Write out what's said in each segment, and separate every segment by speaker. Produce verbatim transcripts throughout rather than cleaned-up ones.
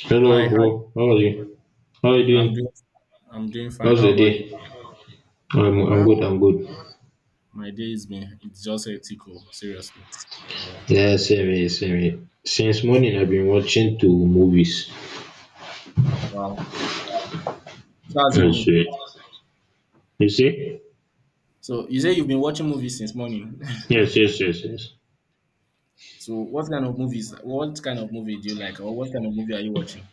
Speaker 1: Hello,
Speaker 2: Hi, hi.
Speaker 1: bro. How are you? How are you
Speaker 2: I'm doing,
Speaker 1: doing?
Speaker 2: I'm doing fine.
Speaker 1: How's
Speaker 2: How
Speaker 1: the day?
Speaker 2: about you?
Speaker 1: I'm I'm
Speaker 2: Uh,
Speaker 1: good. I'm good.
Speaker 2: my day's been, it's just ethical, seriously. Yeah.
Speaker 1: Yeah, same here, same here. Since morning, I've been watching two movies.
Speaker 2: Wow. So how's it
Speaker 1: I
Speaker 2: been?
Speaker 1: swear. You see?
Speaker 2: So you say you've been watching movies since morning.
Speaker 1: Yes, yes, yes, yes.
Speaker 2: So what kind of movies? What kind of movie do you like, or what kind of movie are you watching?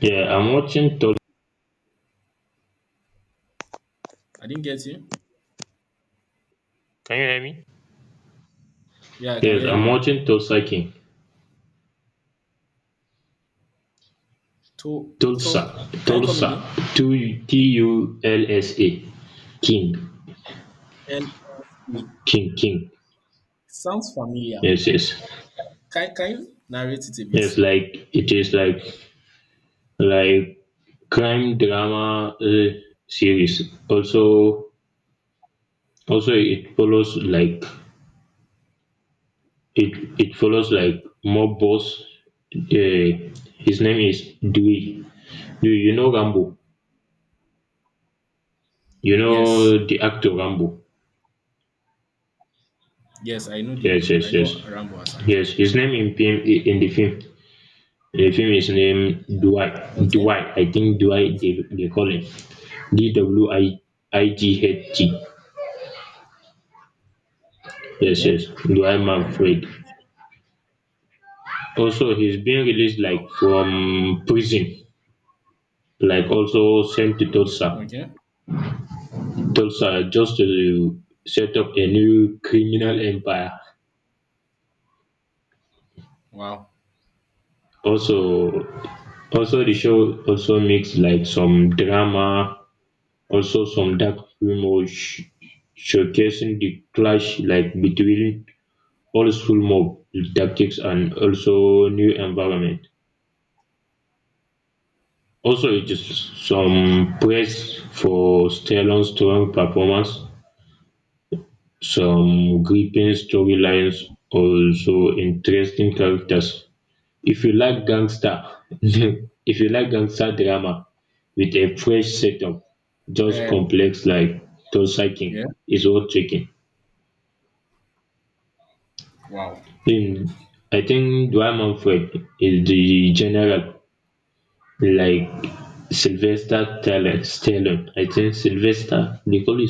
Speaker 1: Yeah, I'm watching Tulsa.
Speaker 2: I didn't get you.
Speaker 1: Can you hear me?
Speaker 2: Yeah, I can
Speaker 1: Yes,
Speaker 2: hear you
Speaker 1: I'm
Speaker 2: now.
Speaker 1: watching Tulsa King.
Speaker 2: To,
Speaker 1: Tulsa,
Speaker 2: to. Can you come
Speaker 1: Tulsa,
Speaker 2: again?
Speaker 1: T U L S A, King,
Speaker 2: L S A.
Speaker 1: King, King.
Speaker 2: Sounds familiar.
Speaker 1: Yes, yes,
Speaker 2: Can, can you narrate it a bit?
Speaker 1: yes. Like it is like like crime drama uh, series. Also Also, it follows like it it follows like mob boss. Uh, his name is Dewey. Do you know Rambo? You
Speaker 2: Yes,
Speaker 1: know the actor Rambo.
Speaker 2: yes. I know
Speaker 1: Yes,
Speaker 2: the, I
Speaker 1: yes,
Speaker 2: know
Speaker 1: yes,
Speaker 2: Rambo as an actor.
Speaker 1: yes. His name in film in the film. The film is named Dwight.
Speaker 2: Okay,
Speaker 1: Dwight, I think Dwight they, they call him D W I I G H T. Yes,
Speaker 2: okay.
Speaker 1: yes. Dwight Manfred. Also, he's being released like
Speaker 2: Wow.
Speaker 1: from prison, like also sent to Tulsa.
Speaker 2: Okay.
Speaker 1: Those are just to set up a new criminal empire.
Speaker 2: Wow.
Speaker 1: Also, also the show also makes like some drama, also some dark humor, sh- showcasing the clash like between old school mob tactics and also new environment. Also, it is some praise for Stellan's strong performance, some gripping storylines, also interesting characters. If you like gangster if you like gangster drama with a fresh setup, just
Speaker 2: Uh,
Speaker 1: complex like Tosakin
Speaker 2: yeah.
Speaker 1: is worth checking.
Speaker 2: Wow.
Speaker 1: In I think Dwayne Manfred is the general like Sylvester Stallone. Stallone. I think Sylvester they call him,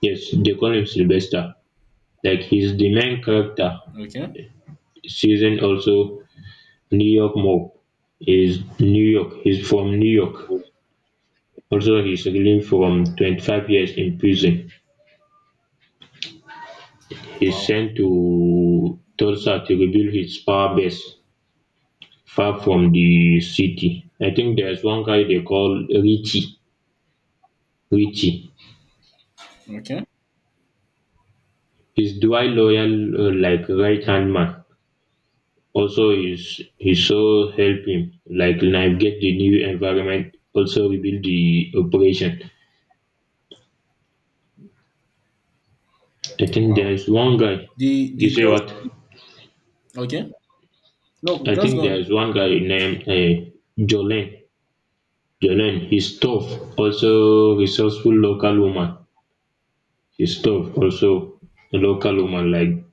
Speaker 1: yes they call him Sylvester. Like he's the main character.
Speaker 2: Okay.
Speaker 1: Season also New York mob is New York. He's from New York. Also, he escaped from twenty-five years in prison, he is
Speaker 2: Wow.
Speaker 1: sent to Tulsa to rebuild his power base far from the city. I think there's one guy they call Richie. Richie.
Speaker 2: Okay.
Speaker 1: He's Dwight loyal uh, like right hand man. Also he's he so help him like navigate the new environment, also rebuild the operation. I think
Speaker 2: Wow.
Speaker 1: there's one guy,
Speaker 2: The
Speaker 1: you
Speaker 2: the
Speaker 1: say
Speaker 2: thoughts-
Speaker 1: what?
Speaker 2: okay. No,
Speaker 1: I
Speaker 2: just
Speaker 1: think
Speaker 2: go on.
Speaker 1: there's one guy named uh, Jolene. Jolene his tough. Also resourceful local woman. She's tough. Also a local woman like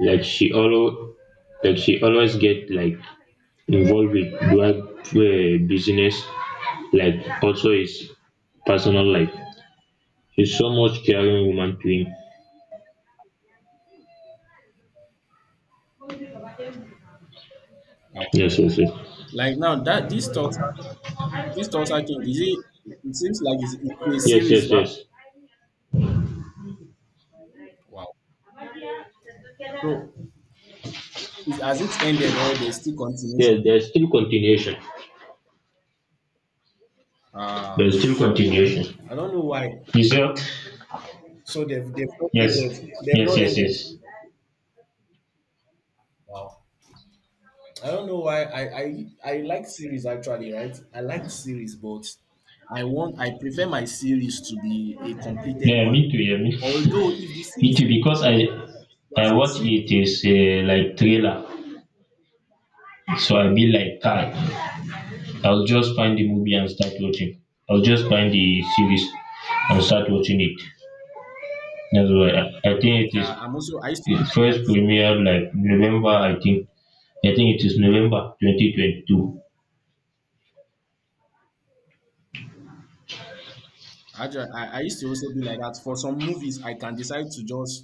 Speaker 1: like she always like she always get like involved with drug uh, business, like also his personal life. She's so much caring woman to him.
Speaker 2: Wow.
Speaker 1: Yes, yes, yes.
Speaker 2: Like now that this talks this talks I think is it it seems like it's, it's a
Speaker 1: Yes,
Speaker 2: series,
Speaker 1: yes,
Speaker 2: right?
Speaker 1: yes.
Speaker 2: Wow. So is has it ended or there's still
Speaker 1: There,
Speaker 2: continuation?
Speaker 1: there's still continuation.
Speaker 2: Ah,
Speaker 1: There's still
Speaker 2: sh-
Speaker 1: continuation.
Speaker 2: I don't know why.
Speaker 1: Is there?
Speaker 2: So they've they've not
Speaker 1: Yes,
Speaker 2: ended. They've
Speaker 1: yes,
Speaker 2: not
Speaker 1: yes,
Speaker 2: ended.
Speaker 1: yes.
Speaker 2: Wow. I don't know why I I I like series actually, right? I like series, but I want I prefer my series to be a completed
Speaker 1: Yeah, me
Speaker 2: one.
Speaker 1: too. Yeah, me.
Speaker 2: Although if the
Speaker 1: It
Speaker 2: series
Speaker 1: because I
Speaker 2: there are
Speaker 1: I
Speaker 2: some
Speaker 1: watch it
Speaker 2: series,
Speaker 1: is uh like trailer, so I be like kai. I'll just find the movie and start watching. I'll just find the series and start watching it. That's why I, I think it is
Speaker 2: yeah, I'm also I used to be
Speaker 1: it
Speaker 2: like
Speaker 1: first
Speaker 2: that.
Speaker 1: premiere like November. I think I think it is November twenty twenty-two.
Speaker 2: I, ju- I I used to also be like that. For some movies, I can decide to just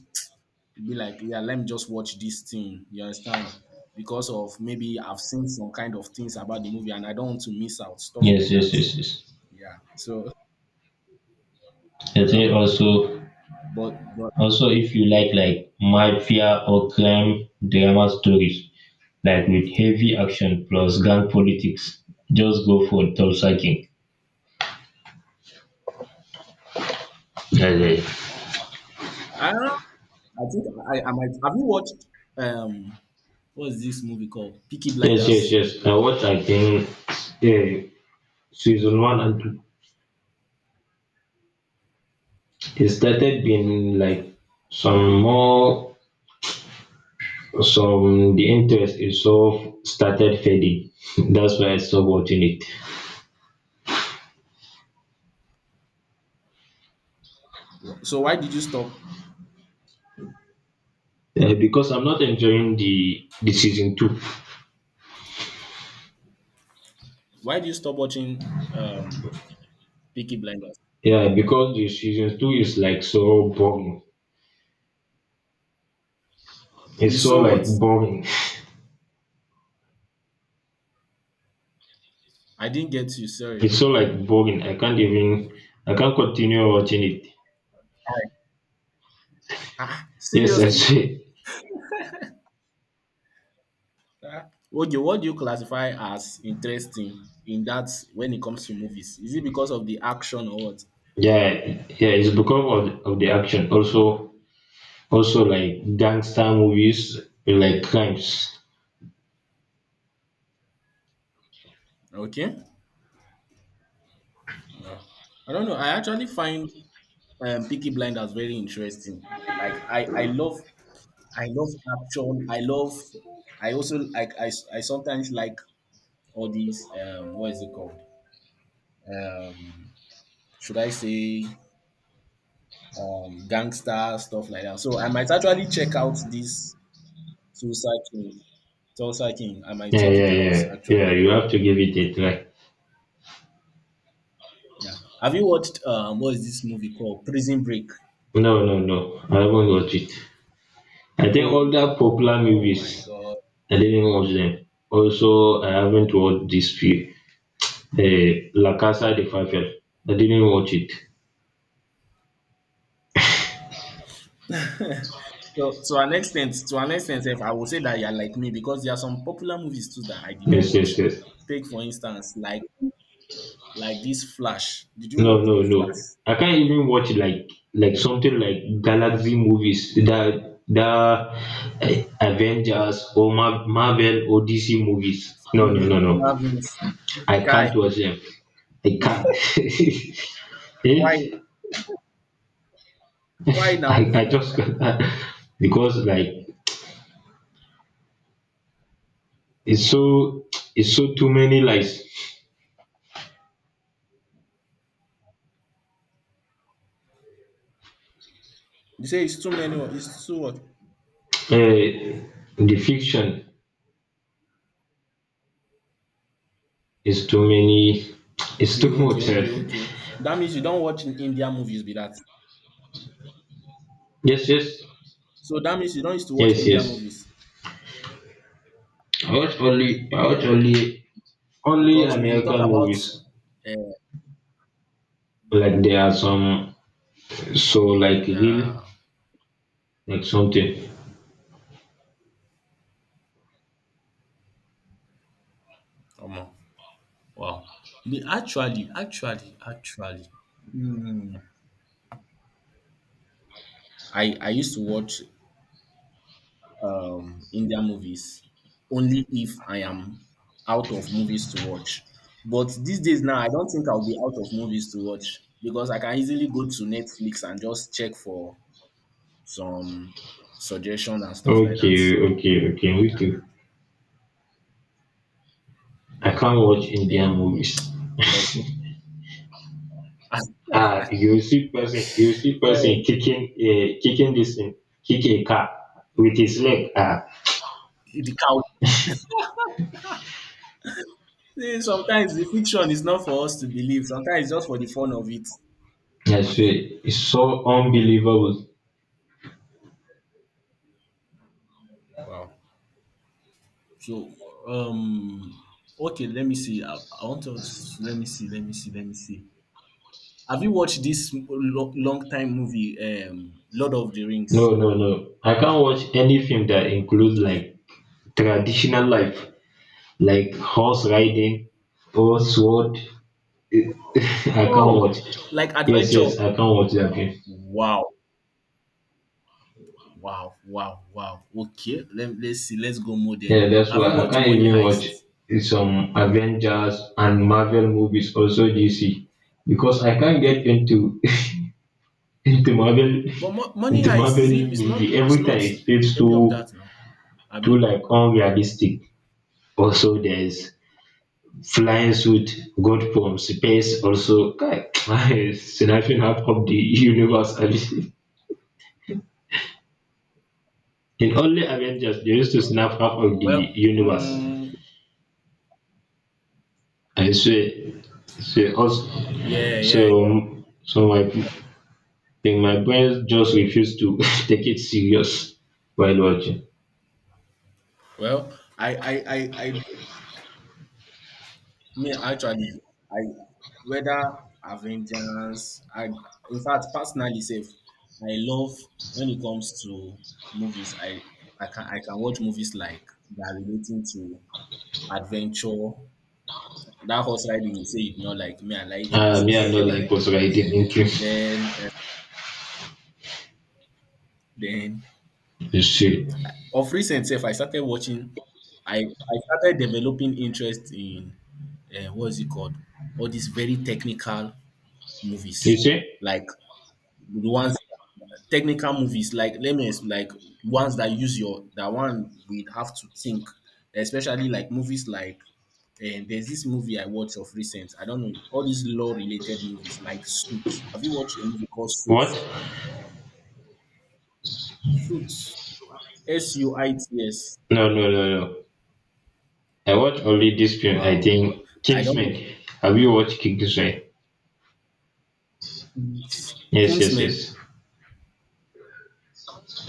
Speaker 2: be like, yeah, let me just watch this thing. You understand? Because of maybe I've seen some kind of things about the movie and I don't want to miss out stuff
Speaker 1: Yes,
Speaker 2: like
Speaker 1: yes,
Speaker 2: that.
Speaker 1: yes, yes.
Speaker 2: Yeah. So
Speaker 1: I
Speaker 2: well,
Speaker 1: think also.
Speaker 2: but but.
Speaker 1: Also, if you like like mafia or crime drama stories, like with heavy action plus gang politics, just go for Tulsa King. Yeah,
Speaker 2: Hmm.
Speaker 1: yeah.
Speaker 2: I don't I think I, I might. Have you watched um what is this movie called? Peaky
Speaker 1: Yes, yes,
Speaker 2: Blinders.
Speaker 1: yes. I watched, I think, uh, season one and two. It started being like some more, some, the interest is so started fading. That's why I stopped watching it.
Speaker 2: Wha- So why did you stop?
Speaker 1: Uh, because I'm not enjoying the, the season two.
Speaker 2: Why did you stop watching um Peaky Blinders?
Speaker 1: Yeah, because the season two is like so boring. It's
Speaker 2: You
Speaker 1: so
Speaker 2: saw
Speaker 1: like
Speaker 2: what?
Speaker 1: boring.
Speaker 2: I didn't get you, sorry.
Speaker 1: It's so like boring. I can't even I can't continue watching it.
Speaker 2: Ah,
Speaker 1: Yes, I
Speaker 2: seriously?
Speaker 1: see.
Speaker 2: Ah. Okay, what do you classify as interesting in that when it comes to movies? Is it because of the action or what?
Speaker 1: Yeah, yeah, it's because of, of the action. Also, also like gangster movies like crimes.
Speaker 2: Okay. No. I don't know. I actually find um, Peaky Blinders very interesting. Like I, I love I love action. I love. I also like. I, I sometimes like all these. Um, what is it called? Um, should I say um gangster stuff like that? So I might actually check out this Tulsa King. Tulsa King. I might
Speaker 1: Yeah,
Speaker 2: check it
Speaker 1: yeah,
Speaker 2: out
Speaker 1: yeah. Yeah,
Speaker 2: actually.
Speaker 1: you have to give it a
Speaker 2: Because-
Speaker 1: try.
Speaker 2: Yeah. Have you watched um what is this movie called? Prison Break.
Speaker 1: No, no, no. I haven't watched it. I think
Speaker 2: Oh,
Speaker 1: all that popular
Speaker 2: oh my
Speaker 1: movies,
Speaker 2: God.
Speaker 1: I didn't watch them. Also, I haven't watched this few. Hey, La Casa de Papel. I didn't watch it.
Speaker 2: So to an extent, to an extent, if I would say that you're like me because there are some popular movies too that I did not
Speaker 1: Yes, yes,
Speaker 2: watch.
Speaker 1: yes.
Speaker 2: Take for instance, like like this Flash. Did you
Speaker 1: No,
Speaker 2: watch
Speaker 1: no, no.
Speaker 2: Flash?
Speaker 1: I can't even watch like like something like Galaxy movies that that eh, Avengers or Mar- Marvel or D C movies. No, no, no,
Speaker 2: The
Speaker 1: no.
Speaker 2: Marvin's
Speaker 1: I
Speaker 2: guy.
Speaker 1: can't watch them. I can't.
Speaker 2: Why?
Speaker 1: Eh?
Speaker 2: Why now?
Speaker 1: I, I just can't. Because like it's so, it's so too many like
Speaker 2: You say it's too many. o- It's too what?
Speaker 1: uh, the fiction. It's too many. It's too
Speaker 2: Okay, okay,
Speaker 1: much. Eh.
Speaker 2: okay, okay. That means you don't watch in India movies, be that.
Speaker 1: Yes, yes,
Speaker 2: So that means you don't used to watch
Speaker 1: yes,
Speaker 2: India
Speaker 1: yes.
Speaker 2: movies
Speaker 1: I watch only. I watch only only
Speaker 2: because if we talk
Speaker 1: American
Speaker 2: about,
Speaker 1: movies.
Speaker 2: uh,
Speaker 1: Like there are some so like real
Speaker 2: yeah,
Speaker 1: like something.
Speaker 2: come on, wow. Me actually, actually, actually, hmm, I I used to watch um, India movies only if I am out of movies to watch. But these days now, I don't think I'll be out of movies to watch because I can easily go to Netflix and just check for some suggestions and stuff like that.
Speaker 1: Okay, okay, okay. Me
Speaker 2: Yeah,
Speaker 1: too. I
Speaker 2: yeah.
Speaker 1: can't watch Indian
Speaker 2: Then,
Speaker 1: movies.
Speaker 2: but
Speaker 1: Ah, you see person, you see
Speaker 2: oh,
Speaker 1: person kicking, uh, kicking this thing, kick a car with his leg. Ah,
Speaker 2: the cow. See, sometimes the fiction is not for us to believe. Sometimes it's just for the fun of it.
Speaker 1: I swear, it's so unbelievable.
Speaker 2: Wow. So, um, okay, let me see. I, I want to s- let me see, let me see, let me see. Have you watched this long, long time movie, um, Lord of the Rings?
Speaker 1: No, no, no. I can't watch any film that includes like traditional life, like horse riding or sword. I can't
Speaker 2: Oh,
Speaker 1: watch.
Speaker 2: like
Speaker 1: Yes,
Speaker 2: adventure.
Speaker 1: yes, I can't watch that game.
Speaker 2: Wow, wow, wow, wow. Okay, let, let's see. Let's go more then.
Speaker 1: Yeah, that's
Speaker 2: Have you
Speaker 1: why I
Speaker 2: watched
Speaker 1: can't
Speaker 2: Money
Speaker 1: even watch
Speaker 2: Heist?
Speaker 1: some Avengers and Marvel movies, also D C, because I can't get into into Marvel
Speaker 2: But Mo- Money
Speaker 1: into
Speaker 2: Heist
Speaker 1: Marvel
Speaker 2: is it? It's
Speaker 1: movie.
Speaker 2: not. It's
Speaker 1: Every
Speaker 2: not
Speaker 1: time it feels
Speaker 2: any
Speaker 1: too
Speaker 2: of that now.
Speaker 1: too
Speaker 2: Abi?
Speaker 1: like unrealistic. Also, there's flying suit got from space also. Kai, snapping half of the universe. I mean, in only Avengers, they used to snap half of the
Speaker 2: Well,
Speaker 1: universe.
Speaker 2: mm,
Speaker 1: I swear. So, also,
Speaker 2: yeah, yeah, yeah.
Speaker 1: so, so my, then my brain just refused to take it serious while watching.
Speaker 2: Well, I, I, I, I, me actually, I whether Avengers, I in fact personally safe, I love when it comes to movies. I I can I can watch movies like that are relating to adventure. That horse riding you say you do not like me, I like it.
Speaker 1: Um, yeah, no, like was writing into.
Speaker 2: Then uh, then
Speaker 1: You see,
Speaker 2: of recent self, I started watching. I I started developing interest in uh, what is it called? All these very technical
Speaker 1: you
Speaker 2: movies
Speaker 1: see,
Speaker 2: like the ones technical movies like let me explain like ones that use your that one we have to think especially like movies like and there's this movie I watched of recent. I don't know all these law related movies like Suits. Have you watched a movie called
Speaker 1: what?
Speaker 2: Suits? Suits. S U I T S.
Speaker 1: No, no, no, no. I watched only this film. I
Speaker 2: Wow.
Speaker 1: think
Speaker 2: I
Speaker 1: Kingsman.
Speaker 2: don't
Speaker 1: Have you watched Kingsman?
Speaker 2: know.
Speaker 1: Yes, yes,
Speaker 2: Kingsman
Speaker 1: yes.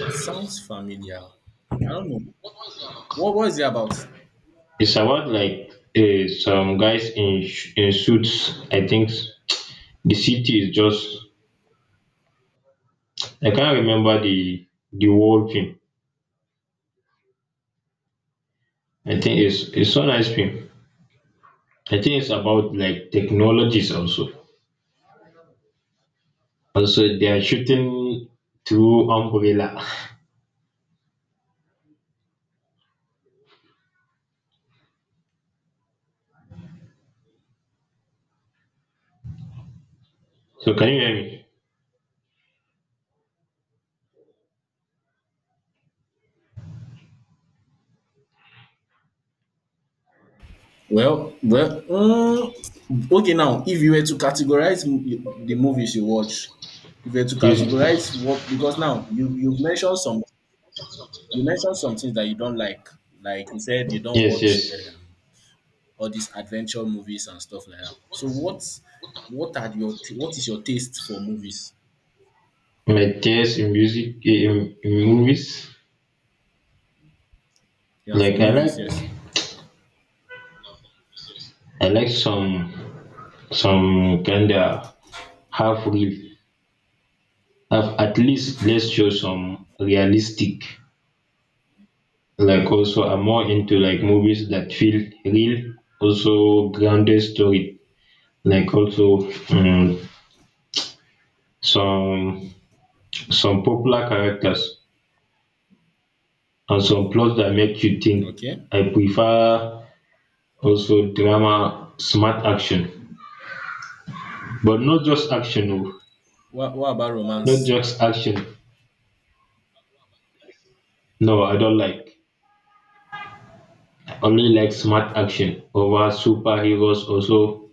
Speaker 2: sounds familiar. I don't know. What was it about?
Speaker 1: It's about like uh, some guys in sh- in suits. I think the city is just. I can't remember the the whole film. I think it's it's so nice film. I think it's about like technologies also. Also, they are shooting through umbrella. So can you hear me?
Speaker 2: Well, well, mm, okay. Now, if you were to categorize m- the movies you watch, if you were to categorize
Speaker 1: Yes,
Speaker 2: what, because now you you've mentioned some, you mentioned some things that you don't like, like you said you don't
Speaker 1: yes,
Speaker 2: watch
Speaker 1: yes.
Speaker 2: um, all these adventure movies and stuff like that. So, what's what are your t- what is your taste for movies?
Speaker 1: My taste in music, eh, in, in movies.
Speaker 2: Yeah,
Speaker 1: Like
Speaker 2: for
Speaker 1: I
Speaker 2: movies, yes.
Speaker 1: like I like some some kinda half real. At at least let's show some realistic, like also I'm more into like
Speaker 2: Hmm.
Speaker 1: movies that feel real, also grounded story, like also mm, some some popular characters and some plots that make you think.
Speaker 2: Okay.
Speaker 1: I prefer also drama, smart action, but not just action, oh,
Speaker 2: What what about
Speaker 1: not
Speaker 2: romance?
Speaker 1: just action. No, I don't like. I only like smart action over superheroes also.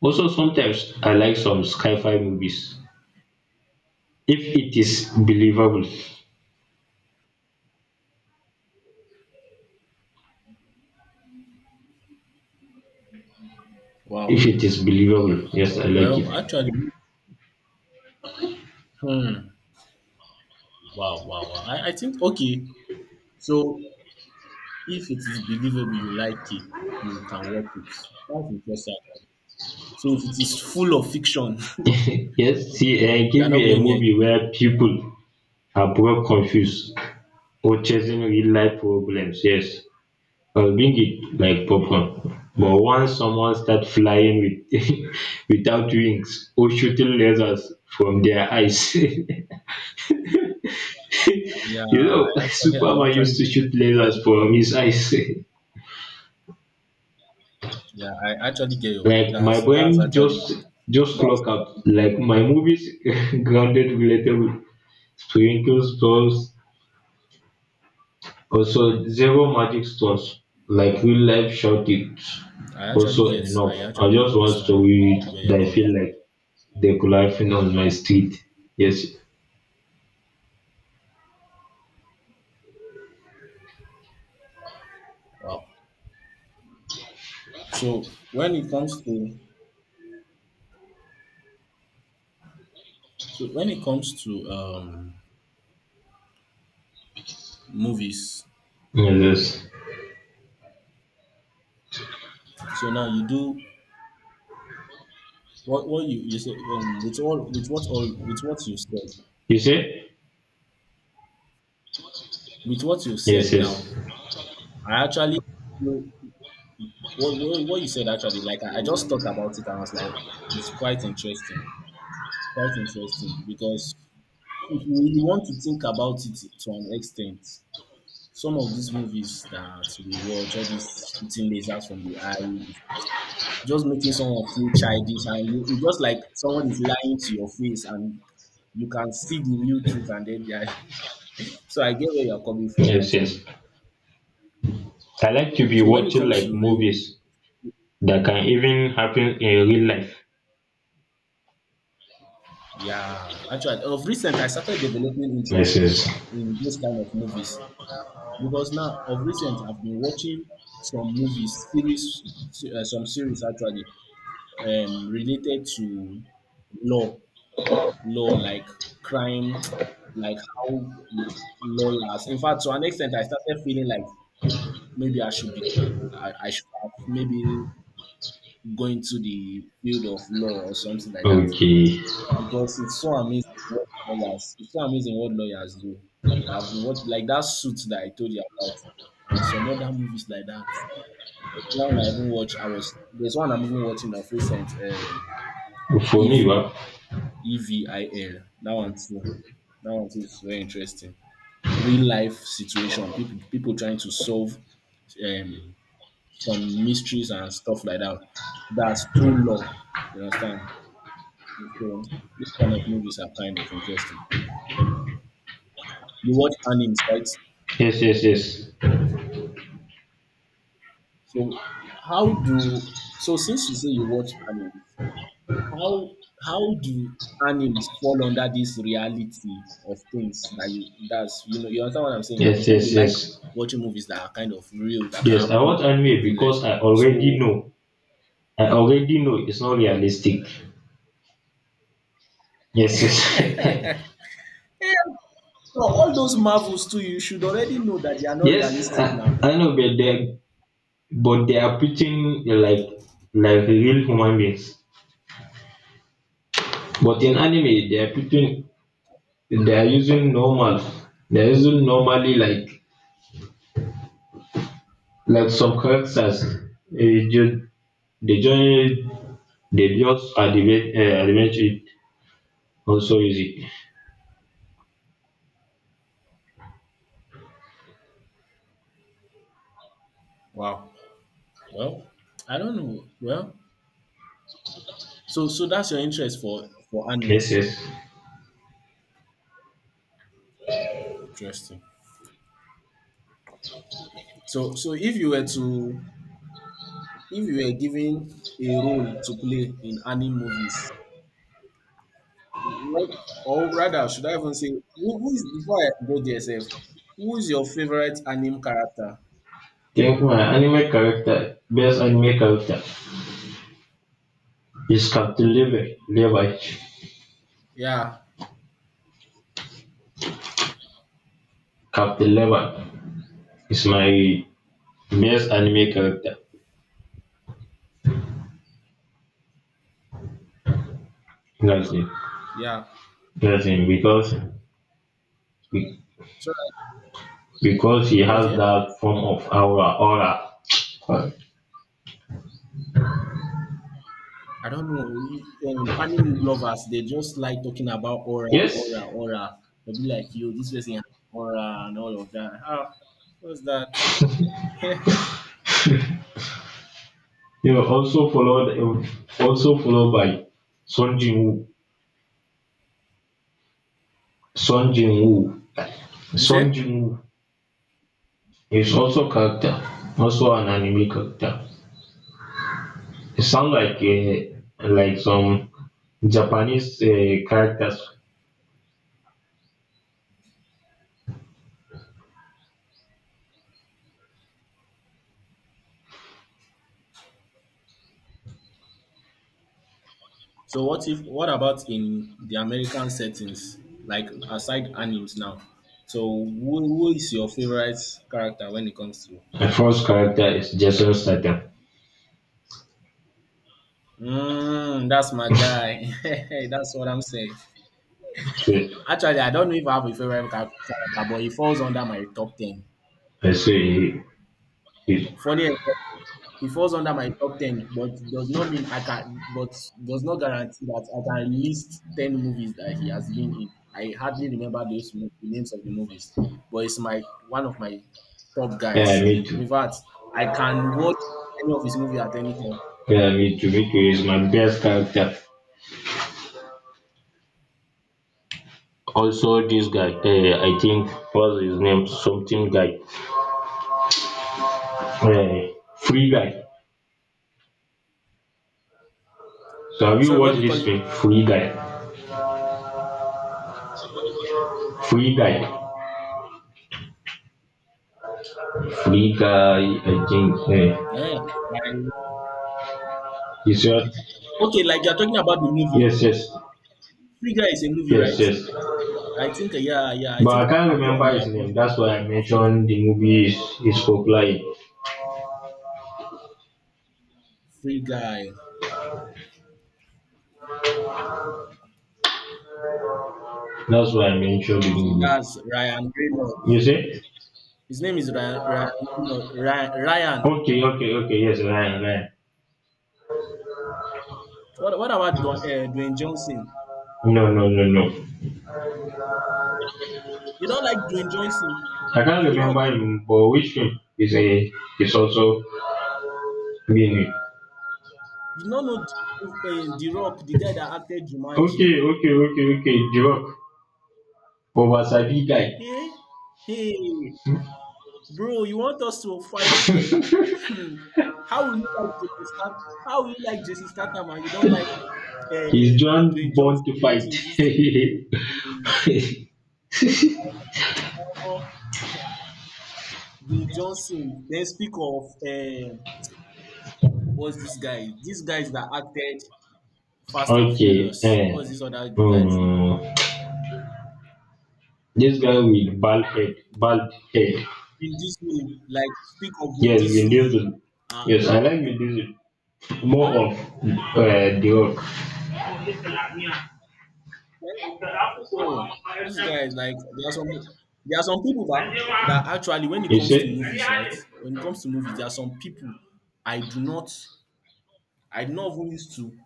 Speaker 1: Also, sometimes I like some sci-fi movies if it is believable. If
Speaker 2: Wow.
Speaker 1: it is believable, yes, I like it.
Speaker 2: Well, actually, hmm. Wow, wow, wow. I, I think okay. So if it is believable, you like it, you can watch it. That's interesting actually. So if it is full of fiction,
Speaker 1: Yes, see, eh,
Speaker 2: you
Speaker 1: give
Speaker 2: are not
Speaker 1: me a
Speaker 2: going near it.
Speaker 1: movie where people are broke, confused, or chasing real life problems. Yes, I'll bring it like popcorn.
Speaker 2: Mm.
Speaker 1: But once someone starts flying with without wings or shooting lasers from their eyes, you
Speaker 2: Yeah, I
Speaker 1: know,
Speaker 2: actually, I
Speaker 1: Superman used to
Speaker 2: actually,
Speaker 1: shoot
Speaker 2: I
Speaker 1: lasers from his eyes.
Speaker 2: yeah, I actually get your
Speaker 1: Like my
Speaker 2: that's that's
Speaker 1: brain just
Speaker 2: actually
Speaker 1: just
Speaker 2: that's
Speaker 1: clock out.
Speaker 2: actually,
Speaker 1: Like my movies grounded relatable sprinkle stones, also zero magic stones, like real life short it's
Speaker 2: I actually
Speaker 1: also
Speaker 2: get I
Speaker 1: enough. I
Speaker 2: actually
Speaker 1: just want
Speaker 2: understand
Speaker 1: story
Speaker 2: where you're
Speaker 1: that I feel
Speaker 2: coming from.
Speaker 1: like they could happen on my street. Yes.
Speaker 2: Wow. So when it comes to so when it comes to um movies,
Speaker 1: Yes, yes.
Speaker 2: so now you do what what you you say um, with all with what all with what you said.
Speaker 1: You say?
Speaker 2: With what you
Speaker 1: Yes,
Speaker 2: said now,
Speaker 1: yes.
Speaker 2: I actually what what, what you said actually, like I, I just thought about it and I was like, it's quite interesting, quite interesting because if we want to think about it to an extent, some of these movies that we watch, all these shooting lasers from the eye, just making someone feel childish, and you, you just like someone is lying to your face, and you can see the real truth, and then they are. So I get where you are coming from
Speaker 1: Yes, yes.
Speaker 2: actually.
Speaker 1: I like to be
Speaker 2: So when it
Speaker 1: watching
Speaker 2: comes
Speaker 1: like
Speaker 2: to real.
Speaker 1: movies that can even happen in real life.
Speaker 2: Yeah, actually, of recent, I started developing
Speaker 1: Yes,
Speaker 2: interest
Speaker 1: yes.
Speaker 2: in those kind of movies because now, of recent, I've been watching some movies, series, se- uh, some series actually, um, related to law, law like crime, like how lawyers. In fact, to an extent, I started feeling like maybe I should be, I, I should have maybe go into the field of law or something like that.
Speaker 1: Okay.
Speaker 2: Because it's so amazing what lawyers it's so amazing what lawyers do. I've been watching like that suit that I told you about and some other movies like that. There's one I even watch I was there's one I'm even watching of recent um
Speaker 1: For me ba,
Speaker 2: Evil. E V I L. That one too. That one too is very interesting. Real life situation. People people trying to solve um some mysteries and stuff like that. That's true law. You understand? So these kind of movies are kind of interesting. You watch animes, right?
Speaker 1: yes, yes, yes,
Speaker 2: So how do so since you say you watch animes, how how do animes fall under this reality of things that you that's you know you understand what I'm saying now? You
Speaker 1: yes,
Speaker 2: said
Speaker 1: yes,
Speaker 2: you like
Speaker 1: yes.
Speaker 2: watching movies that are kind of real that can
Speaker 1: Yes, I
Speaker 2: happen
Speaker 1: watch anime
Speaker 2: in real
Speaker 1: because
Speaker 2: life.
Speaker 1: I
Speaker 2: So
Speaker 1: already know, I already know it's not realistic. Yes, yes.
Speaker 2: no, all those marvels too, you should already know that they are not
Speaker 1: Yes, I
Speaker 2: realistic now.
Speaker 1: i know, but they but they are putting uh, like like real human beings, but in anime they are putting, they are using normal they are using normally like like some characters, eh, ju- they just, they just animate uh, animate it also easy.
Speaker 2: Wow. Well, I don't know. Well, so so that's your interest for for
Speaker 1: Yes,
Speaker 2: animes.
Speaker 1: yes.
Speaker 2: Interesting. So so if you were to if you were given a role to play in any movies, what or rather should I even say who, who is before I go there sef, who is your favorite anime character?
Speaker 1: Think my anime character, best anime character is Captain Levi. Levi.
Speaker 2: Yeah,
Speaker 1: Captain Levi is my best anime character. That's it.
Speaker 2: yeah.
Speaker 1: That's it. Because be-
Speaker 2: So
Speaker 1: because he has
Speaker 2: okay.
Speaker 1: that form of aura. Aura. Uh,
Speaker 2: I don't know. you- Um, anime lovers, they just like talking about aura,
Speaker 1: Yes.
Speaker 2: aura, aura. They'll be like, yo, this person has aura and all of that. Ah, what's that?
Speaker 1: You know, also followed, also followed by Son Jin Woo. Son Jin Woo.
Speaker 2: You
Speaker 1: Song
Speaker 2: say?
Speaker 1: Jin Woo is also character, also an anime character. It sounds like uh, like some Japanese uh, characters.
Speaker 2: So what if what about in the American settings, like aside animes now? So who, who is your favorite character when it comes to
Speaker 1: The first character is Jason
Speaker 2: um
Speaker 1: Statham.
Speaker 2: mm, that's my guy. That's what I'm saying.
Speaker 1: So
Speaker 2: Actually I don't know if I have a favorite character, but he falls under my top ten.
Speaker 1: I say he, he-
Speaker 2: Funny. He falls under my top ten, but does not mean I can. But does not guarantee that I can list ten movies that he has been in. I hardly remember those mo- the names of the movies, but it's my one of my top
Speaker 1: yeah,
Speaker 2: guys.
Speaker 1: me too.
Speaker 2: In fact, I can watch any of his movie at any time.
Speaker 1: Yeah, me too. Me too is my best character. Also, this guy, uh, I think, what's his name? Something guy. Uh, free guy. So have you
Speaker 2: Sorry, what
Speaker 1: watched
Speaker 2: do you call
Speaker 1: this film?
Speaker 2: him?
Speaker 1: Free guy. Free guy. Free guy. I think. Uh,
Speaker 2: Eh, I-
Speaker 1: is your,
Speaker 2: okay, like you're talking about the
Speaker 1: yes,
Speaker 2: movie.
Speaker 1: yes,
Speaker 2: Free Guy is a movie,
Speaker 1: yes,
Speaker 2: right?
Speaker 1: yes.
Speaker 2: I think, uh, yeah, yeah. I
Speaker 1: But
Speaker 2: think
Speaker 1: I can't
Speaker 2: I've, I've, wa-
Speaker 1: remember
Speaker 2: no,
Speaker 1: his
Speaker 2: I've
Speaker 1: name.
Speaker 2: watched the movie.
Speaker 1: That's why I
Speaker 2: I've watched the
Speaker 1: mentioned
Speaker 2: movie.
Speaker 1: the movie is, is popular. In.
Speaker 2: Free Guy.
Speaker 1: That's why I mentioned the
Speaker 2: Okay,
Speaker 1: movie.
Speaker 2: that's Ryan
Speaker 1: You
Speaker 2: Reynolds.
Speaker 1: see?
Speaker 2: His name is Ryan. Ryan. No, Ry- Ryan.
Speaker 1: Okay, okay, okay. Yes, Ryan, Ryan.
Speaker 2: What, what about Dwa- uh, Dwayne Johnson?
Speaker 1: No, no, no, no.
Speaker 2: You don't like Dwayne Johnson,
Speaker 1: I can't
Speaker 2: The
Speaker 1: remember
Speaker 2: Rock.
Speaker 1: him, but which film is a, is also being it.
Speaker 2: You don't know The, uh, the Rock, the guy that acted Jumanji.
Speaker 1: Okay, okay, okay, okay. Jirok, over Sabi guy.
Speaker 2: Hey, hey, bro, you want us to fight here? Hmm. How will you like Jason Statham? How will you like Jason Statham and you don't like
Speaker 1: He's
Speaker 2: uh,
Speaker 1: John
Speaker 2: Dwayne
Speaker 1: born to
Speaker 2: Johnson, which
Speaker 1: fight.
Speaker 2: is this thing?
Speaker 1: Okay.
Speaker 2: Eh, eh, Dwayne Johnson. Then speak of uh, what's this guy? These guys that acted Fast and Furious.
Speaker 1: Eh.
Speaker 2: What's this other guy's name?
Speaker 1: Hmm. This guy with bald head, bald head.
Speaker 2: Vin Diesel. Like speak of Vin
Speaker 1: Yes, Vin
Speaker 2: Diesel.
Speaker 1: Diesel.
Speaker 2: Uh,
Speaker 1: Yes, I
Speaker 2: uh,
Speaker 1: like Vin Diesel. More
Speaker 2: uh,
Speaker 1: of uh, The Rock.
Speaker 2: oh, those guys. Like there are some. There are some people that that actually, when it
Speaker 1: You
Speaker 2: comes to
Speaker 1: see?
Speaker 2: movies, right? When it comes to movies, there are some people I do not. I do not even used to.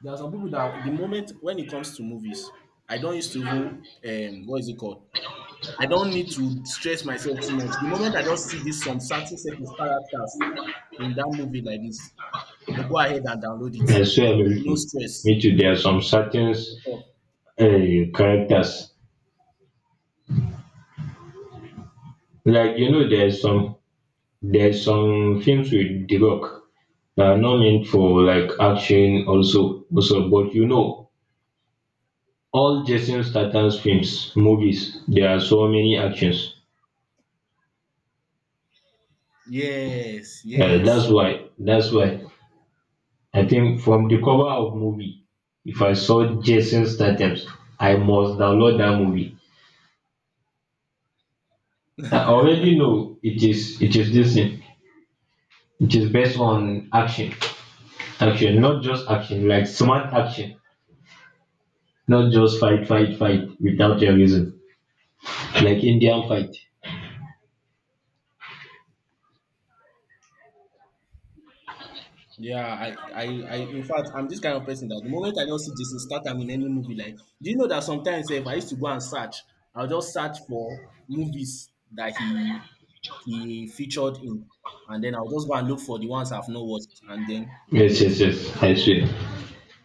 Speaker 2: There are some people that the moment when it comes to movies, I don't used to even um what is it called? I don't need to stress myself too much. The moment I just see this some certain set of characters in that movie like this, I go ahead and download it.
Speaker 1: I swear, me
Speaker 2: No
Speaker 1: too.
Speaker 2: stress.
Speaker 1: Me too. There are some certain
Speaker 2: Okay.
Speaker 1: uh, characters. Like, you know, there's some, there's some films with The Rock that are not meant for like action also also, but you know, all Jason Statham's films, movies, there are so many actions.
Speaker 2: Yes,
Speaker 1: Uh, that's
Speaker 2: yes.
Speaker 1: why. That's why. I think from the cover of movie, if I saw Jason Statham, I must download that movie. I already know it is. It is this thing. It is based on action, action, not just action, like smart action, not just fight, fight, fight without a reason, like Indian fight.
Speaker 2: Yeah, I, I, I, in fact, I'm this kind of person that the moment I just see Jason Statham in any movie, like, do you know that sometimes eh, if I used to go and search, I'll just search for movies that he he featured in, and then I'll just go and look for the ones I've not watched and then
Speaker 1: Yes,
Speaker 2: download.
Speaker 1: yes, yes. I swear.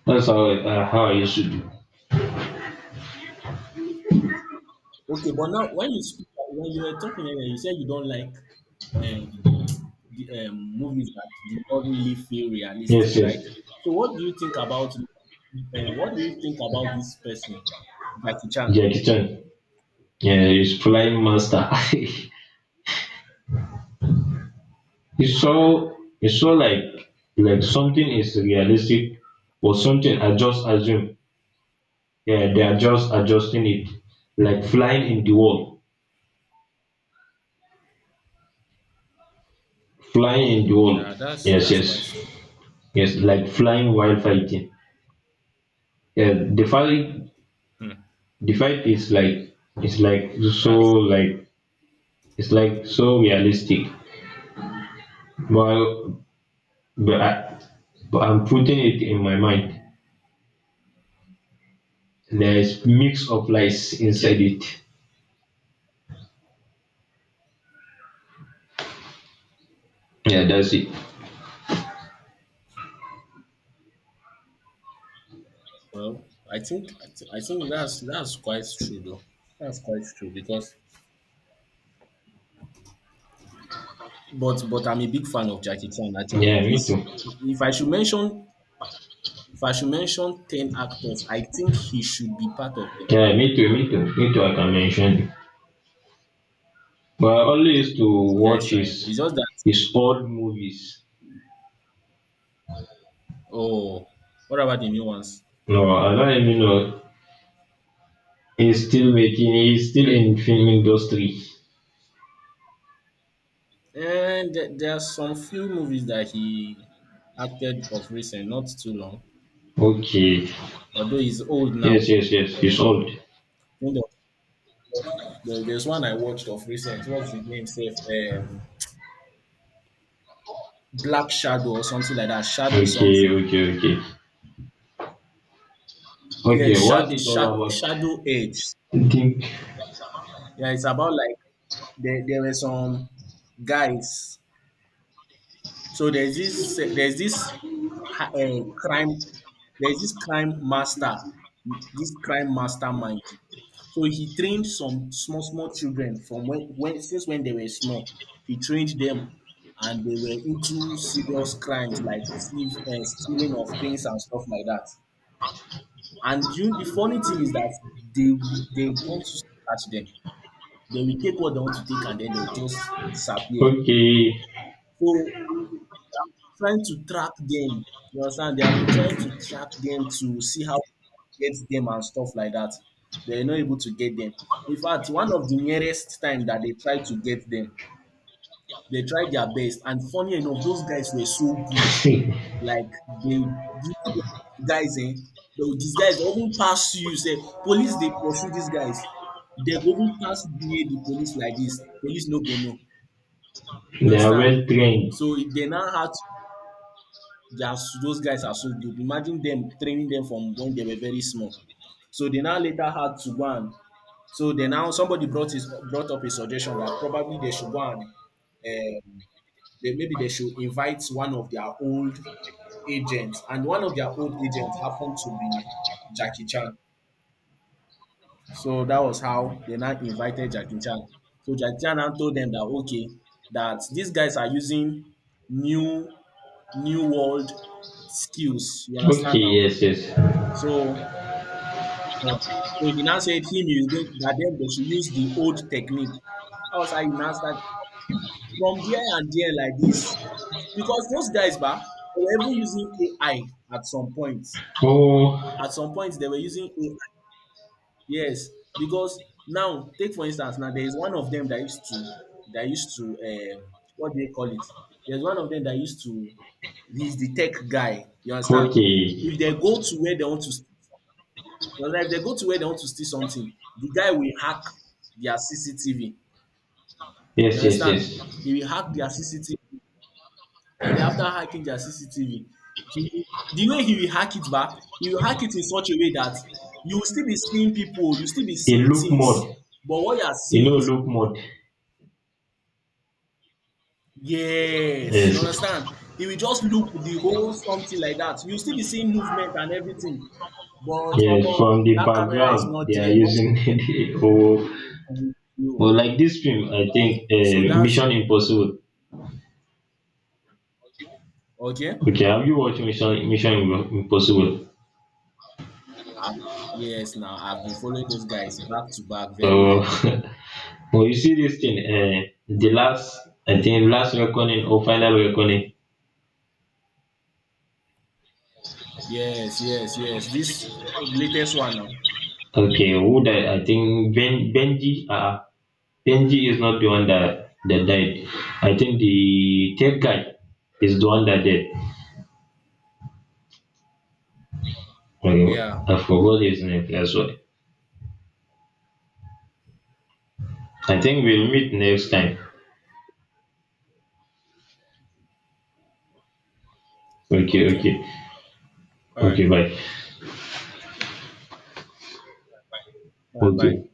Speaker 1: That's how I, uh, how I used to do.
Speaker 2: Okay, but now when you speak, when you were talking earlier, you said you don't like um, the um, movies that do not really feel
Speaker 1: Yes,
Speaker 2: realistic, right?
Speaker 1: yes.
Speaker 2: So what do you think about uh, what do you think about this person, Jackie Chan?
Speaker 1: Jackie Chan. Yeah, he's flying master. It's so, it's so like like something is realistic or something I just assume. Yeah, they are just adjusting it. Like flying in the wall. Flying in the wall.
Speaker 2: Yeah, that's
Speaker 1: Yes,
Speaker 2: that's quite
Speaker 1: yes. Yes, like flying while fighting. Yeah, the fight
Speaker 2: hmm,
Speaker 1: the fight is like it's like so
Speaker 2: that's
Speaker 1: like it's like so realistic. Well but I but I'm putting it in my mind. There's mix of lies inside
Speaker 2: okay.
Speaker 1: it. Yeah, that's it.
Speaker 2: Well, I think I, thi- I think that's that's quite true though. That's quite true because But but I'm a big fan of Jackie Chan
Speaker 1: Yeah,
Speaker 2: actually.
Speaker 1: me
Speaker 2: He's
Speaker 1: too.
Speaker 2: if I should mention if I should mention ten actors, I think he should be part of them.
Speaker 1: Yeah, me too, me too. Me too, I can mention it. But I only used to
Speaker 2: The guy
Speaker 1: watch
Speaker 2: is trying.
Speaker 1: his
Speaker 2: It's just that,
Speaker 1: his old movies.
Speaker 2: oh, what about the new ones?
Speaker 1: No, I don't even know. He's still making he's still in film industry.
Speaker 2: And there, there are some few movies that he acted of recent, not too long,
Speaker 1: Okay.
Speaker 2: although he's old now.
Speaker 1: Yes, yes, yes. He's old.
Speaker 2: You know, there- There's one I watched of recent. What's the name? Safe, um, Black Shadow or something like that. Shadow
Speaker 1: Okay,
Speaker 2: something.
Speaker 1: okay, okay.
Speaker 2: Yeah,
Speaker 1: Okay, what's
Speaker 2: Shad,
Speaker 1: it all
Speaker 2: Shad,
Speaker 1: about?
Speaker 2: Shadow Age.
Speaker 1: I think
Speaker 2: Yeah, it's about like there, there were some guys. So there's this eh, there's this ha- eh, crime there's this crime master, this crime mastermind. So he trained some small small children from when, when since when they were small. He trained them, and they were into serious crimes like thief, uh, stealing of things and stuff like that. And you, the funny thing is that they will- they don't choose to catch them. They will take what they want to take, and then they'll just disappear.
Speaker 1: okay.
Speaker 2: So trying to track them. You understand? They have been trying to track them to see how to get them and stuff like that. They're not able to get them. In fact, one of the nearest time that they tried to get them, they tried their best. And funny enough, those guys were so good. Like they you know, the guys, eh? Those these guys often pass you, say police they pursue these guys. They go even pass near the police like this. Police no go know. You
Speaker 1: They are
Speaker 2: understand?
Speaker 1: well trained.
Speaker 2: So they now had they are s- those guys are so good. Imagine them training them from when they were very small. So they now later had to go and so they now somebody brought his brought up a suggestion that probably they should go and they, maybe they should invite one of their old agents, and one of their old agents happened to be Jackie Chan. So that was how they now invited Jackie Chan. So Jackie Chan now told them that okay, that these guys are using new new world skills. You
Speaker 1: Okay,
Speaker 2: understand now?
Speaker 1: yes, yes.
Speaker 2: So yeah. So he now said him he is going that them they should use the old technique. I was like, you now start from there and there like this. Because those guys bah, they were even using A I at some point.
Speaker 1: Oh.
Speaker 2: At some point they were using A I. Yes. Because now take for instance now there is one of them that used to that used to um, what do they call it? There's one of them that used to he's the tech guy. You understand?
Speaker 1: Okay.
Speaker 2: If they go to where they want to You understand? If they go to where they want to steal something, the guy will hack their C C T V. You
Speaker 1: Yes, yes,
Speaker 2: understand? He
Speaker 1: yes.
Speaker 2: will hack their C C T V. And then after hacking their C C T V, he the way he will hack it back, he will hack it in such a way that you will still be seeing people, you will still be
Speaker 1: The
Speaker 2: seeing
Speaker 1: look
Speaker 2: things.
Speaker 1: mode.
Speaker 2: But what you are
Speaker 1: You
Speaker 2: seeing
Speaker 1: know
Speaker 2: is
Speaker 1: look mode.
Speaker 2: yes, you
Speaker 1: Yes.
Speaker 2: understand? He will just loop the whole something like that. You will still be seeing movement and everything. But
Speaker 1: Yes.
Speaker 2: Omo,
Speaker 1: From the
Speaker 2: that camera is
Speaker 1: background
Speaker 2: not
Speaker 1: they are
Speaker 2: there, not
Speaker 1: using the or
Speaker 2: with you.
Speaker 1: or like this film, I think
Speaker 2: So
Speaker 1: uh,
Speaker 2: that's
Speaker 1: Mission Impossible.
Speaker 2: okay.
Speaker 1: Okay, have you watched Mission Mission Im- Impossible?
Speaker 2: Yes, now I've been following those guys back to back very
Speaker 1: Oh.
Speaker 2: well.
Speaker 1: Well you see this thing, uh, the last, I think last reckoning or final reckoning.
Speaker 2: Yes, yes, yes. This uh, latest one now.
Speaker 1: Okay, who died? I think ben, Benji. Uh, uh, Benji is not the one that, that died. I think the tech guy is the one that died. Okay,
Speaker 2: Yeah.
Speaker 1: I forgot his name as well. I think we'll meet next time. Okay,
Speaker 2: Okay.
Speaker 1: okay,
Speaker 2: All
Speaker 1: okay.
Speaker 2: right.
Speaker 1: Bye.
Speaker 2: All right. Bye.
Speaker 1: Okay.